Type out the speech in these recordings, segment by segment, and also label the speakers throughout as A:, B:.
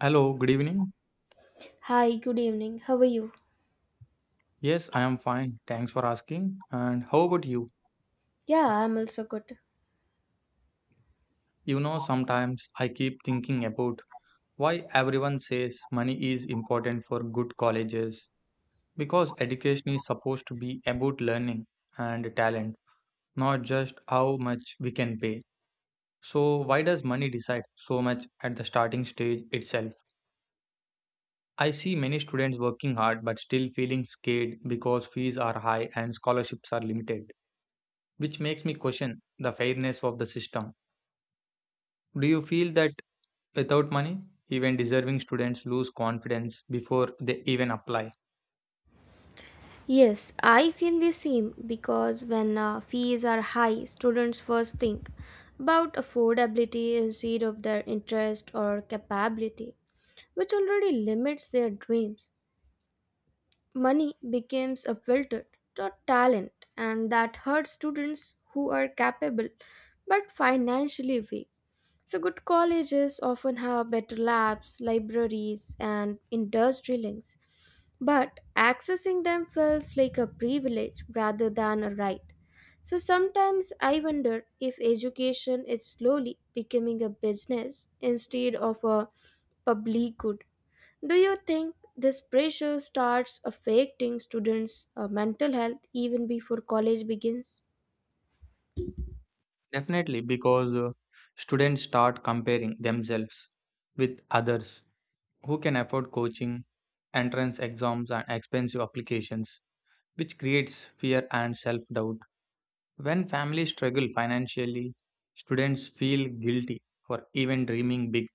A: Hello, good evening.
B: Hi, good evening. How are you?
A: Yes, I am fine. Thanks for asking. And how about you?
B: Yeah, I'm also good.
A: You know, sometimes I keep thinking about why everyone says money is important for good colleges because education is supposed to be about learning and talent, not just how much we can pay. So, why does money decide so much at the starting stage itself? I see many students working hard but still feeling scared because fees are high and scholarships are limited, which makes me question the fairness of the system. Do you feel that without money, even deserving students lose confidence before they even apply?
B: Yes, I feel the same because when fees are high, students first think about affordability instead of their interest or capability, which already limits their dreams. Money becomes a filter to talent, and that hurts students who are capable but financially weak. So, good colleges often have better labs, libraries, and industry links, but accessing them feels like a privilege rather than a right. So sometimes I wonder if education is slowly becoming a business instead of a public good. Do you think this pressure starts affecting students' mental health even before college begins?
A: Definitely, because students start comparing themselves with others who can afford coaching, entrance exams, and expensive applications, which creates fear and self doubt. When families struggle financially, students feel guilty for even dreaming big,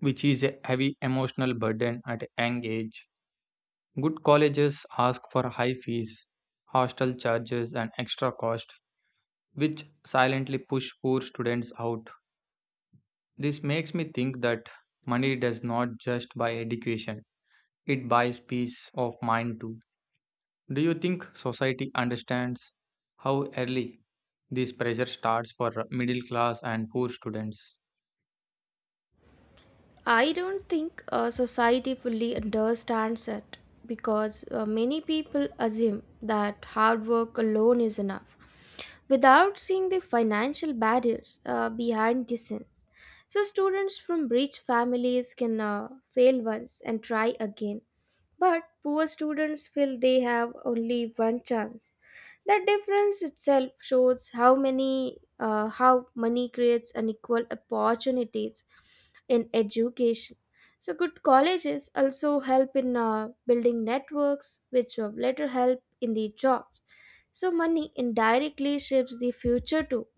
A: which is a heavy emotional burden at a young age. Good colleges ask for high fees, hostel charges, and extra costs, which silently push poor students out. This makes me think that money does not just buy education, it buys peace of mind too. Do you think society understands how early this pressure starts for middle class and poor students?
B: I don't think society fully understands it because many people assume that hard work alone is enough without seeing the financial barriers behind the scenes. So, students from rich families can fail once and try again, but poor students feel they have only one chance. The difference itself shows how money creates unequal opportunities in education. So good colleges also help in building networks, which will later help in the jobs. So money indirectly shapes the future too.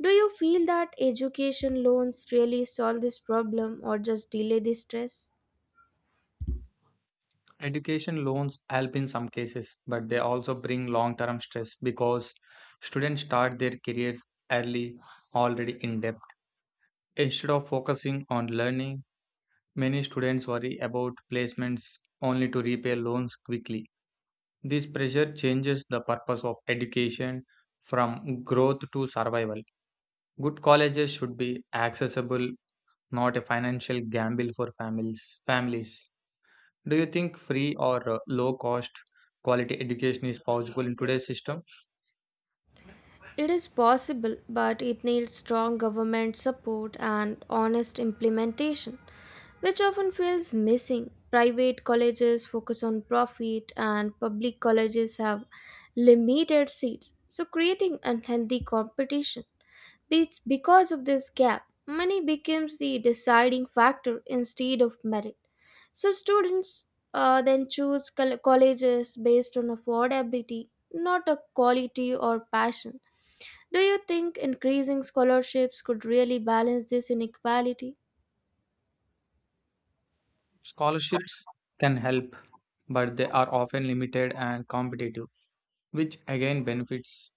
B: Do you feel that education loans really solve this problem or just delay the stress?
A: Education loans help in some cases, but they also bring long term stress because students start their careers early, already in debt. Instead of focusing on learning, many students worry about placements only to repay loans quickly. This pressure changes the purpose of education from growth to survival. Good colleges should be accessible, not a financial gamble for families. Do you think free or low cost quality education is possible in today's system?
B: It is possible, but it needs strong government support and honest implementation, which often feels missing. Private colleges focus on profit, and public colleges have limited seats, so creating unhealthy competition. It's because of this gap, money becomes the deciding factor instead of merit. So students then choose colleges based on affordability, not a quality or passion. Do you think increasing scholarships could really balance this inequality?
A: Scholarships can help, but they are often limited and competitive, which again benefits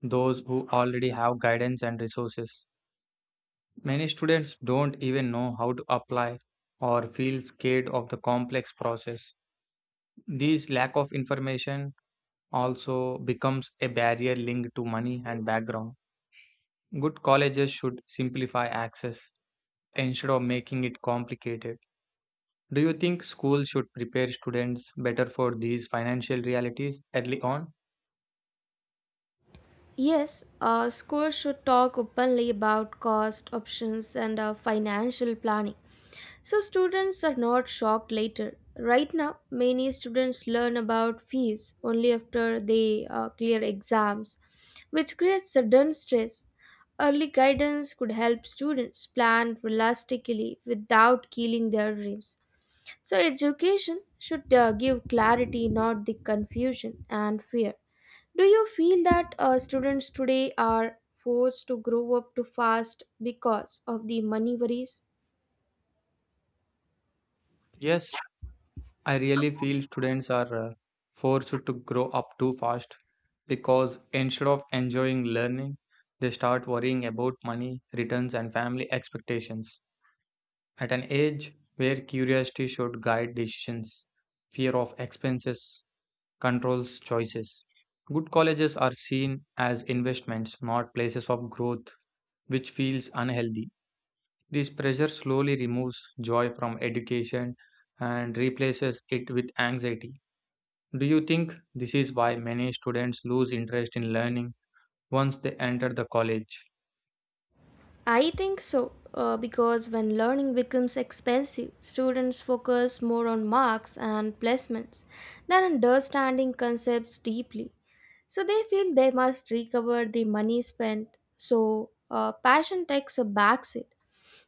A: those who already have guidance and resources. Many students don't even know how to apply or feel scared of the complex process. This lack of information also becomes a barrier linked to money and background. Good colleges should simplify access instead of making it complicated. Do you think schools should prepare students better for these financial realities early on?
B: Yes, schools should talk openly about cost, options, and financial planning so students are not shocked later. Right now, many students learn about fees only after they clear exams, which creates sudden stress. Early guidance could help students plan realistically without killing their dreams. So, education should give clarity, not the confusion and fear. Do you feel that students today are forced to grow up too fast because of the money worries?
A: Yes, I really feel students are forced to grow up too fast because instead of enjoying learning, they start worrying about money, returns, and family expectations. At an age where curiosity should guide decisions, fear of expenses controls choices. Good colleges are seen as investments, not places of growth, which feels unhealthy. This pressure slowly removes joy from education and replaces it with anxiety. Do you think this is why many students lose interest in learning once they enter the college?
B: I think so, because when learning becomes expensive, students focus more on marks and placements than understanding concepts deeply. So they feel they must recover the money spent. So passion takes a backseat.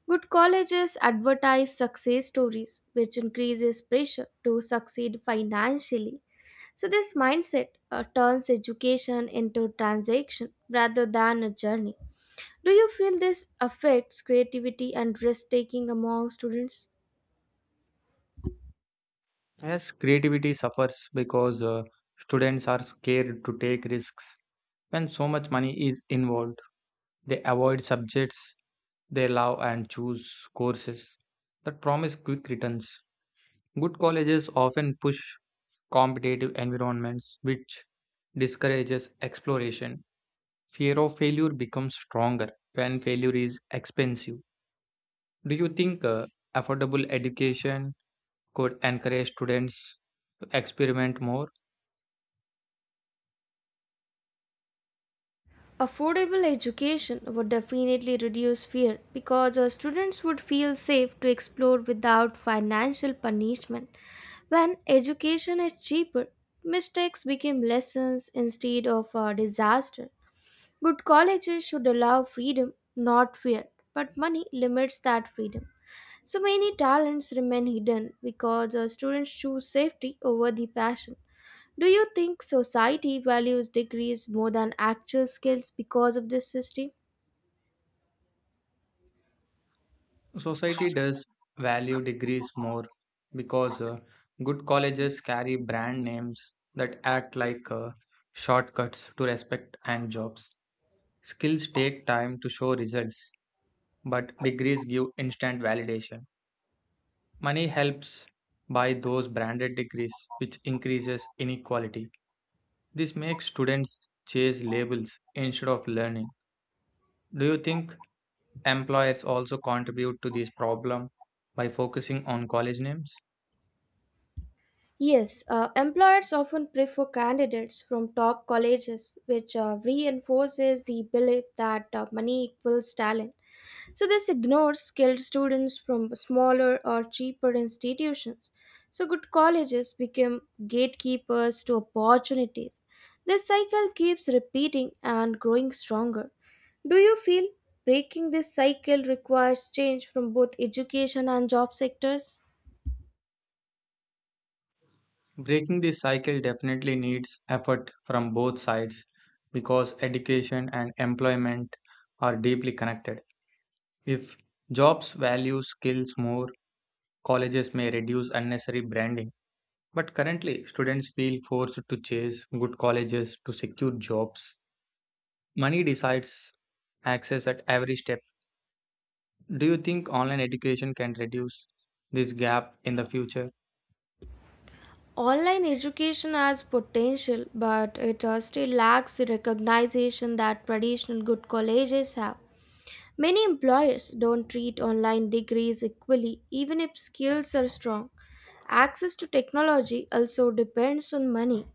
B: Good colleges advertise success stories, which increases pressure to succeed financially. So, this mindset turns education into transaction rather than a journey. Do you feel this affects creativity and risk taking among students?
A: Yes, creativity suffers because students are scared to take risks. When so much money is involved, they avoid subjects they love and choose courses that promise quick returns. Good colleges often push competitive environments, which discourages exploration. Fear of failure becomes stronger when failure is expensive. Do you think affordable education could encourage students to experiment more?
B: Affordable education would definitely reduce fear because students would feel safe to explore without financial punishment. When education is cheaper, mistakes become lessons instead of a disaster. Good colleges should allow freedom, not fear, but money limits that freedom. So many talents remain hidden because students choose safety over the passion. Do you think society values degrees more than actual skills because of this system?
A: Society does value degrees more because good colleges carry brand names that act like shortcuts to respect and jobs. Skills take time to show results, but degrees give instant validation. Money helps buy those branded degrees, which increases inequality. This makes students chase labels instead of learning. Do you think employers also contribute to this problem by focusing on college names?
B: Yes, employers often prefer candidates from top colleges, which reinforces the belief that money equals talent. So, this ignores skilled students from smaller or cheaper institutions. So, good colleges become gatekeepers to opportunities. This cycle keeps repeating and growing stronger. Do you feel breaking this cycle requires change from both education and job sectors?
A: Breaking this cycle definitely needs effort from both sides because education and employment are deeply connected. If jobs value skills more, colleges may reduce unnecessary branding. But currently, students feel forced to chase good colleges to secure jobs. Money decides access at every step. Do you think online education can reduce this gap in the future?
B: Online education has potential, but it still lacks the recognition that traditional good colleges have. Many employers don't treat online degrees equally, even if skills are strong. Access to technology also depends on money,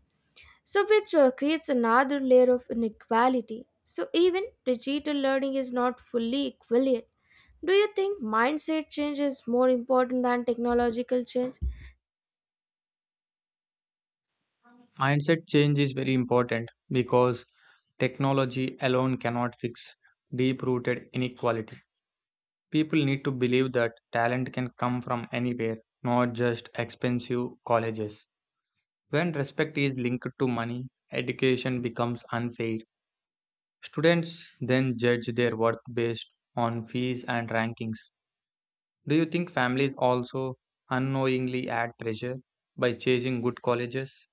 B: so which creates another layer of inequality. So even digital learning is not fully equal yet. Do you think mindset change is more important than technological change?
A: Mindset change is very important because technology alone cannot fix deep rooted inequality. People need to believe that talent can come from anywhere, not just expensive colleges. When respect is linked to money, education becomes unfair. Students then judge their worth based on fees and rankings. Do you think families also unknowingly add pressure by chasing good colleges?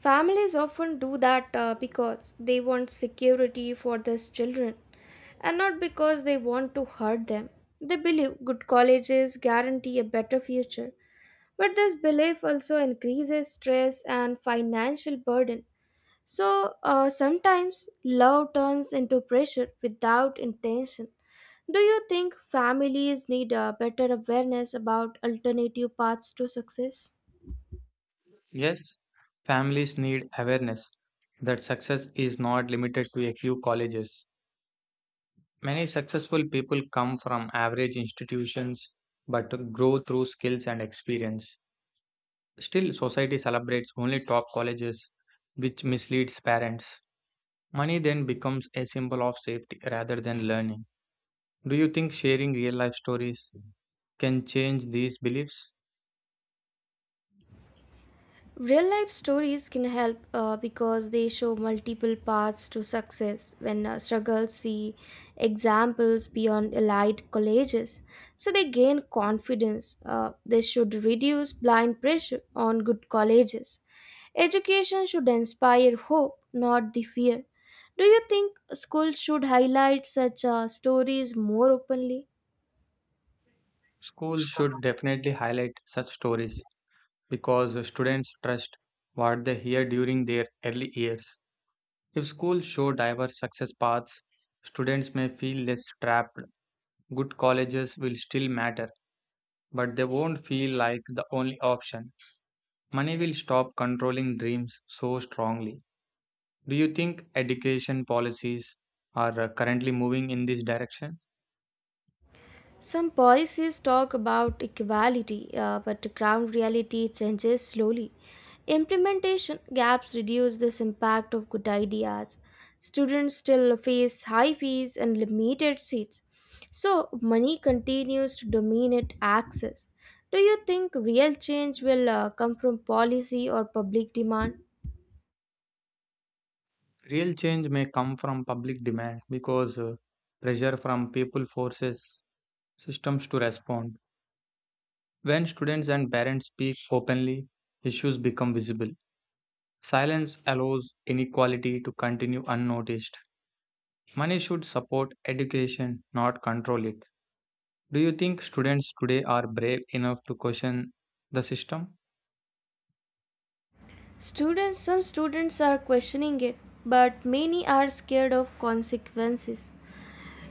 B: Families often do that because they want security for their children and not because they want to hurt them. They believe good colleges guarantee a better future, but this belief also increases stress and financial burden. So sometimes love turns into pressure without intention. Do you think families need a better awareness about alternative paths to success?
A: Yes, families need awareness that success is not limited to a few colleges. Many successful people come from average institutions but grow through skills and experience. Still, society celebrates only top colleges, which misleads parents. Money then becomes a symbol of safety rather than learning. Do you think sharing real life stories can change these beliefs?
B: Real life stories can help because they show multiple paths to success when struggles see examples beyond elite colleges. So they gain confidence. They should reduce blind pressure on good colleges. Education should inspire hope, not the fear. Do you think schools should highlight such stories more openly?
A: Schools should definitely highlight such stories because students trust what they hear during their early years. If schools show diverse success paths, students may feel less trapped. Good colleges will still matter, but they won't feel like the only option. Money will stop controlling dreams so strongly. Do you think education policies are currently moving in this direction?
B: Some policies talk about equality, but ground reality changes slowly. Implementation gaps reduce this impact of good ideas. Students still face high fees and limited seats, so money continues to dominate access. Do you think real change will come from policy or public demand?
A: Real change may come from public demand because pressure from people forces systems to respond. When students and parents speak openly, issues become visible. Silence allows inequality to continue unnoticed. Money should support education, not control it. Do you think students today are brave enough to question the system?
B: Some students are questioning it, but many are scared of consequences.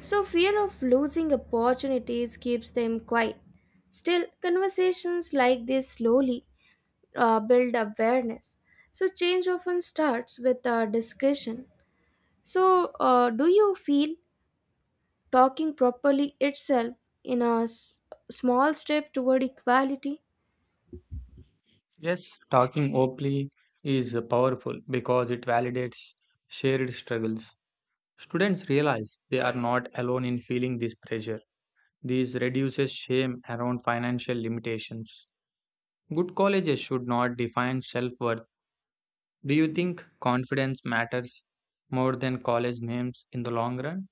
B: So, fear of losing opportunities keeps them quiet. Still, conversations like this slowly build awareness. So, change often starts with a discussion. So, do you feel talking properly itself in a s- small step toward equality?
A: Yes, talking openly is powerful because it validates shared struggles. Students realize they are not alone in feeling this pressure. This reduces shame around financial limitations. Good colleges should not define self worth. Do you think confidence matters more than college names in the long run?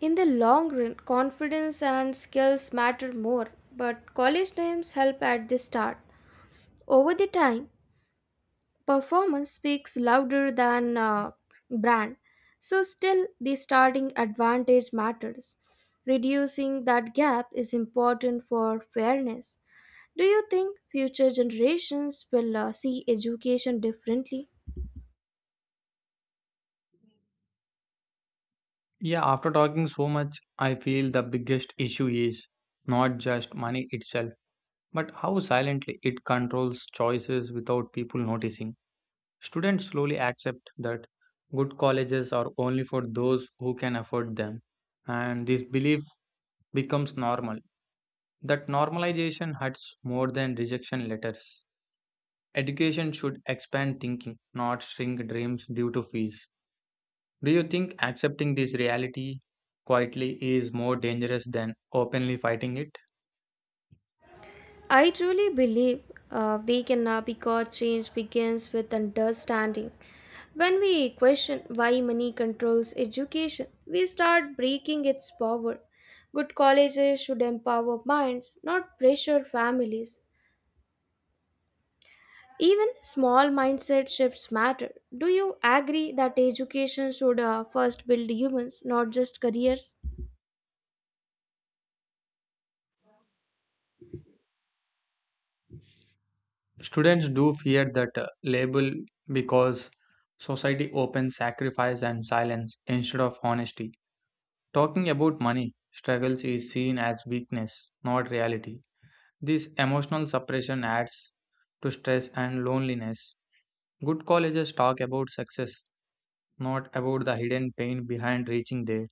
B: In the long run, confidence and skills matter more, but college names help at the start. Over the time, performance speaks louder than brand, so still the starting advantage matters. Reducing that gap is important for fairness. Do you think future generations will see education differently?
A: Yeah, after talking so much, I feel the biggest issue is not just money itself, but how silently it controls choices without people noticing. Students slowly accept that good colleges are only for those who can afford them, and this belief becomes normal. That normalization hurts more than rejection letters. Education should expand thinking, not shrink dreams due to fees. Do you think accepting this reality quietly is more dangerous than openly fighting it?
B: I truly believe they can, because change begins with understanding. When we question why money controls education, we start breaking its power. Good colleges should empower minds, not pressure families. Even small mindset shifts matter. Do you agree that education should first build humans, not just careers?
A: Students do fear that label because society opens sacrifice and silence instead of honesty. Talking about money struggles is seen as weakness, not reality. This emotional suppression adds to stress and loneliness. Good colleges talk about success, not about the hidden pain behind reaching there.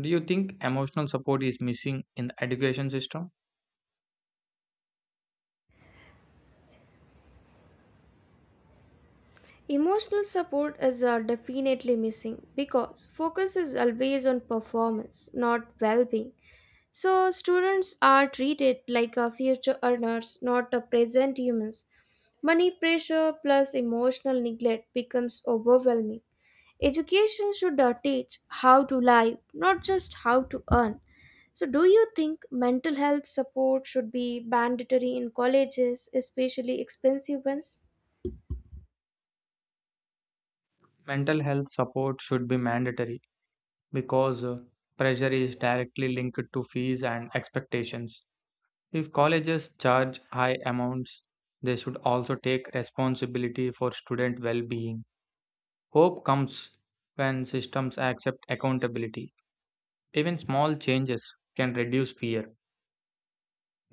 A: Do you think emotional support is missing in the education system?
B: Emotional support is definitely missing because focus is always on performance, not well being. So, students are treated like future earners, not present humans. Money pressure plus emotional neglect becomes overwhelming. Education should teach how to live, not just how to earn. So, do you think mental health support should be mandatory in colleges, especially expensive ones?
A: Mental health support should be mandatory because pressure is directly linked to fees and expectations. If colleges charge high amounts, they should also take responsibility for student well being. Hope comes when systems accept accountability. Even small changes can reduce fear.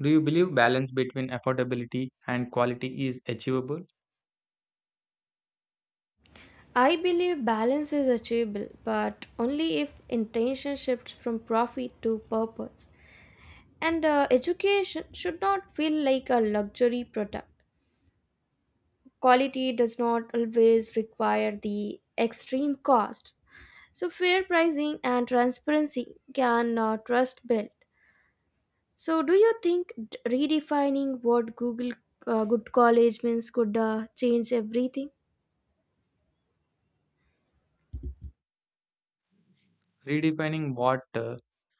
A: Do you believe balance between affordability and quality is achievable?
B: I believe balance is achievable, but only if intention shifts from profit to purpose. And education should not feel like a luxury product. Quality does not always require the extreme cost. So, fair pricing and transparency can trust build. So, do you think redefining what Google Good College means could change everything?
A: Redefining what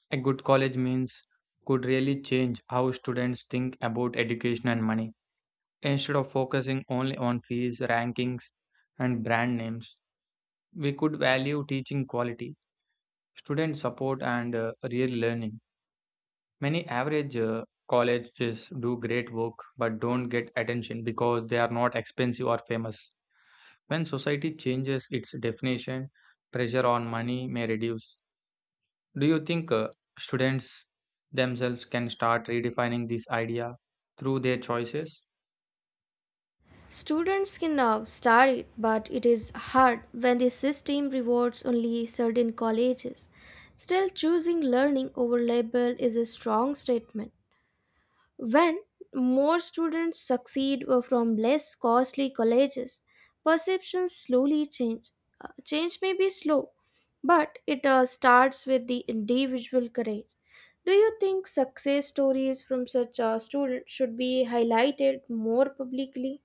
A: a good college means could really change how students think about education and money. Instead of focusing only on fees, rankings, and brand names, we could value teaching quality, student support, and real learning. Many average colleges do great work but don't get attention because they are not expensive or famous. When society changes its definition, pressure on money may reduce. Do you think students themselves can start redefining this idea through their choices?
B: Students can now start it, but it is hard when the system rewards only certain colleges. Still, choosing learning over label is a strong statement. When more students succeed from less costly colleges, perceptions slowly change. Change may be slow, but it starts with the individual courage. Do you think success stories from such students should be highlighted more publicly?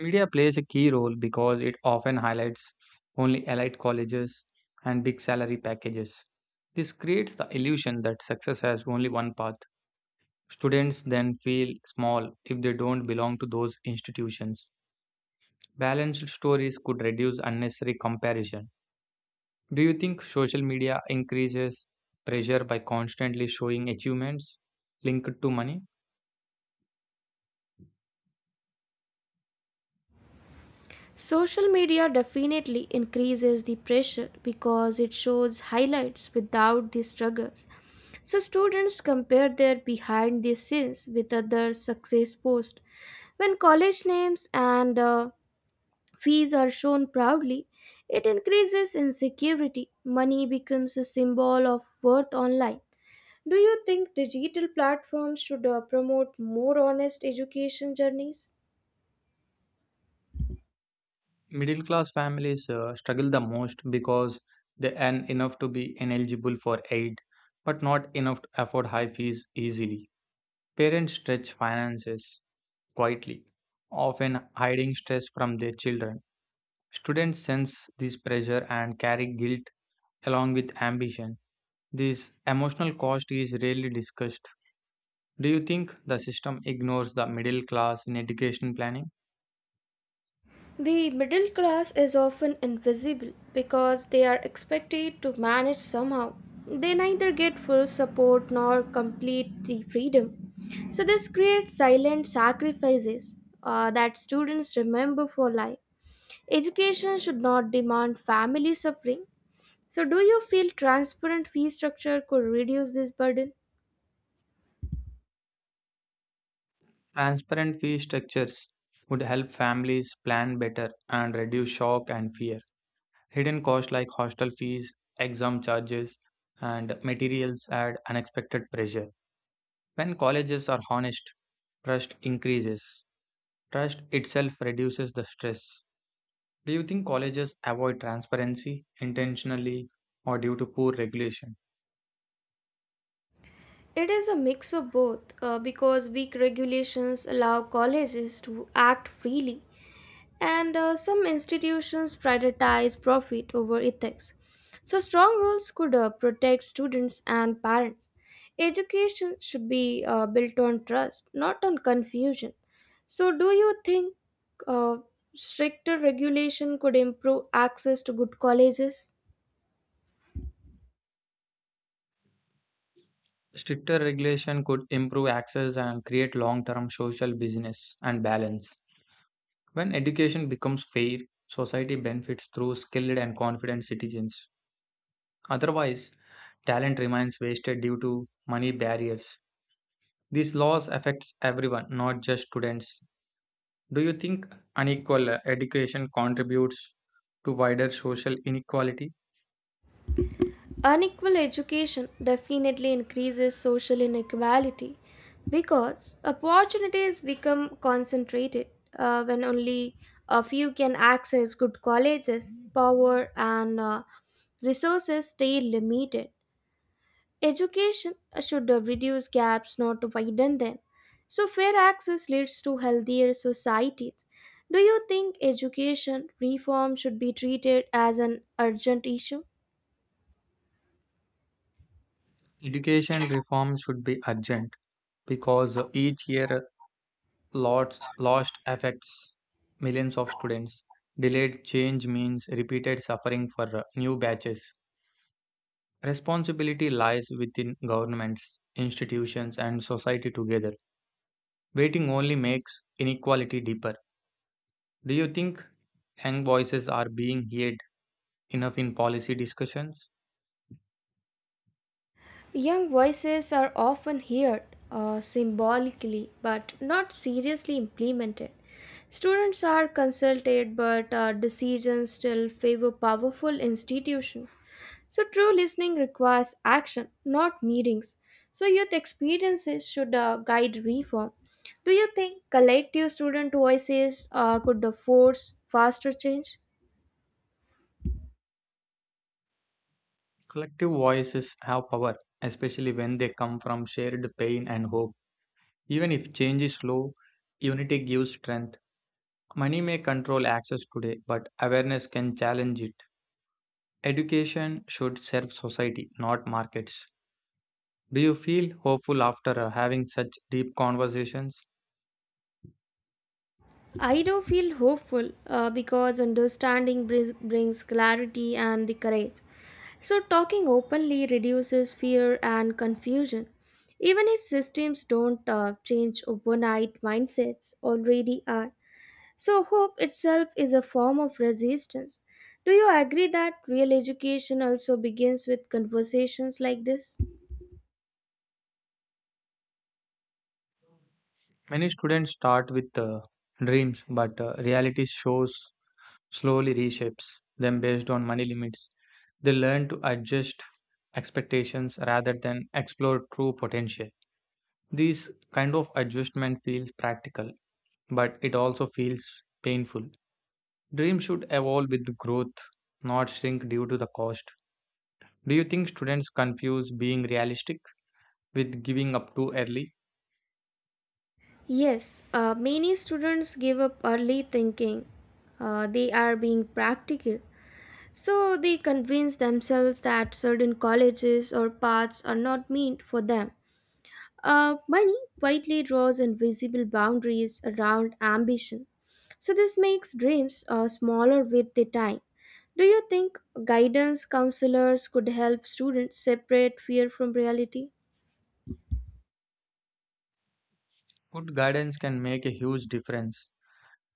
A: Media plays a key role because it often highlights only elite colleges and big salary packages. This creates the illusion that success has only one path. Students then feel small if they don't belong to those institutions. Balanced stories could reduce unnecessary comparison. Do you think social media increases pressure by constantly showing achievements linked to money?
B: Social media definitely increases the pressure because it shows highlights without the struggles. So students compare their behind the scenes with other success posts. When college names and fees are shown proudly, it increases insecurity. Money becomes a symbol of worth online. Do you think digital platforms should promote more honest education journeys?
A: Middle class families struggle the most because they earn enough to be eligible for aid but not enough to afford high fees easily. Parents stretch finances quietly, often hiding stress from their children. Students sense this pressure and carry guilt along with ambition. This emotional cost is rarely discussed. Do you think the system ignores the middle class in education planning?
B: The middle class is often invisible because they are expected to manage somehow. They neither get full support nor complete the freedom. So, this creates silent sacrifices that students remember for life. Education should not demand family suffering. So, do you feel transparent fee structure could reduce this burden?
A: Transparent fee structures would help families plan better and reduce shock and fear. Hidden costs like hostel fees, exam charges, and materials add unexpected pressure. When colleges are honest, trust increases. Trust itself reduces the stress. Do you think colleges avoid transparency intentionally or due to poor regulation?
B: It is a mix of both, because weak regulations allow colleges to act freely and some institutions prioritize profit over ethics. So, strong rules could protect students and parents. Education should be built on trust, not on confusion. So, do you think uh, stricter regulation could improve access to good colleges?
A: Stricter regulation could improve access and create long term social business and balance. When education becomes fair, society benefits through skilled and confident citizens. Otherwise, talent remains wasted due to money barriers. These laws affects everyone, not just students. Do you think unequal education contributes to wider social inequality?
B: Unequal education definitely increases social inequality because opportunities become concentrated when only a few can access good colleges, power, and resources stay limited. Education should reduce gaps, not to widen them. So, fair access leads to healthier societies. Do you think education reform should be treated as an urgent issue?
A: Education reform should be urgent because each year lots lost affects millions of students. Delayed change means repeated suffering for new batches. Responsibility lies within governments, institutions, and society together. Waiting only makes inequality deeper. Do you think young voices are being heard enough in policy discussions?
B: Young voices are often heard symbolically but not seriously implemented. Students are consulted, but decisions still favor powerful institutions. So, true listening requires action, not meetings. So, youth experiences should guide reform. Do you think collective student voices could force faster change?
A: Collective voices have power, especially when they come from shared pain and hope. Even if change is slow, unity gives strength. Money may control access today, but awareness can challenge it. Education should serve society, not markets. Do you feel hopeful after having such deep conversations?
B: I do feel hopeful because understanding brings clarity and the courage. So, talking openly reduces fear and confusion. Even if systems don't change overnight, mindsets already are. So, hope itself is a form of resistance. Do you agree that real education also begins with conversations like this?
A: Many students start with dreams, but reality shows slowly reshapes them based on money limits. They learn to adjust expectations rather than explore true potential. This kind of adjustment feels practical, but it also feels painful. Dreams should evolve with growth, not shrink due to the cost. Do you think students confuse being realistic with giving up too early?
B: Yes, many students give up early thinking they are being practical. So they convince themselves that certain colleges or paths are not meant for them. Money quietly draws invisible boundaries around ambition. So, this makes dreams smaller with the time. Do you think guidance counselors could help students separate fear from reality?
A: Good guidance can make a huge difference,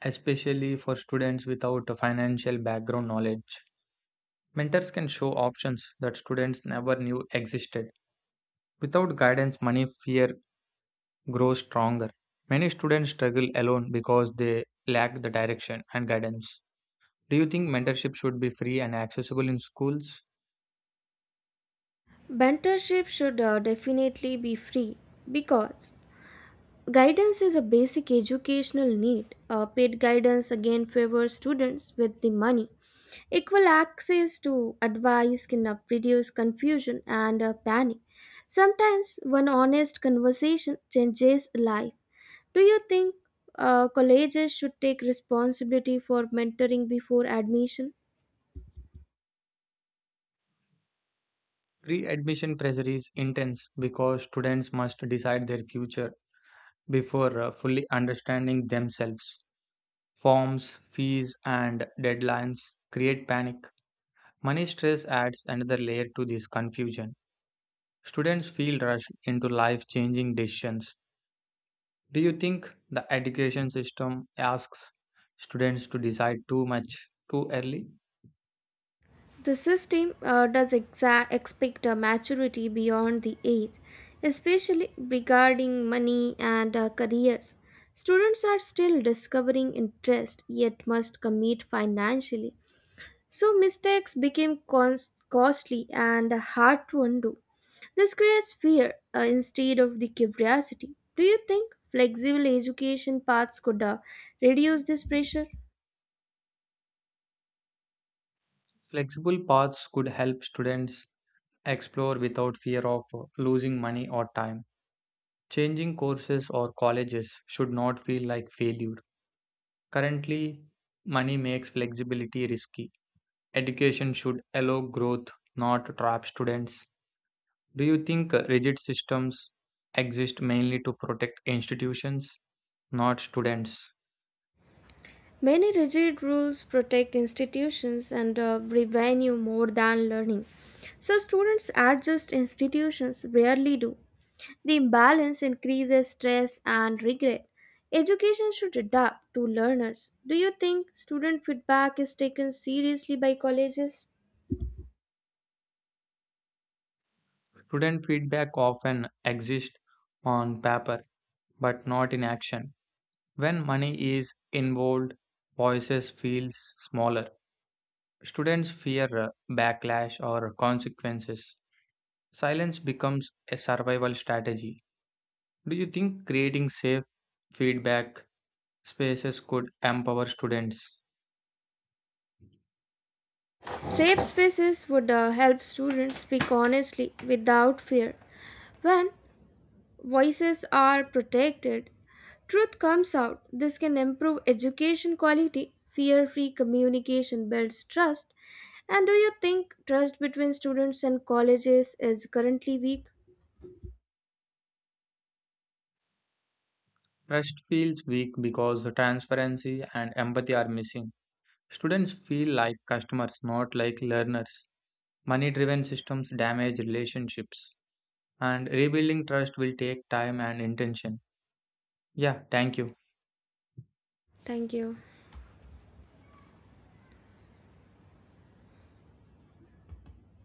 A: especially for students without a financial background knowledge. Mentors can show options that students never knew existed. Without guidance, money fear grows stronger. Many students struggle alone because they lack the direction and guidance. Do you think mentorship should be free and accessible in schools?
B: Mentorship should definitely be free because guidance is a basic educational need. Paid guidance again favors students with the money. Equal access to advice can reduce confusion and panic. Sometimes one honest conversation changes a life. Do you think colleges should take responsibility for mentoring before admission?
A: Pre-admission pressure is intense because students must decide their future before fully understanding themselves. Forms, fees, and deadlines create panic. Money stress adds another layer to this confusion. Students feel rushed into life-changing decisions. Do you think the education system asks students to decide too much too early?
B: The system does expect a maturity beyond the age, especially regarding money and careers. Students are still discovering interest yet must commit financially. So mistakes became costly and hard to undo. This creates fear instead of the curiosity. Do you think flexible education paths could reduce this pressure?
A: Flexible paths could help students explore without fear of losing money or time. Changing courses or colleges should not feel like failure. Currently, money makes flexibility risky. Education should allow growth, not trap students. Do you think rigid systems exist mainly to protect institutions, not students?
B: Many rigid rules protect institutions and revenue more than learning. So students adjust, institutions rarely do. The imbalance increases stress and regret. Education should adapt to learners. Do you think student feedback is taken seriously by colleges?
A: Student feedback often exists on paper but not in action. When money is involved, voices feels smaller. Students fear backlash or consequences. Silence becomes a survival strategy. Do you think creating safe feedback spaces could empower students?
B: Safe spaces would help students speak honestly without fear. When voices are protected, truth comes out. This can improve education quality. Fear free communication builds trust. And do you think trust between students and colleges is currently weak?
A: Trust feels weak because the transparency and empathy are missing. Students feel like customers, not like learners. Money driven systems damage relationships, and rebuilding trust will take time and intention. Yeah, thank you.
B: Thank you.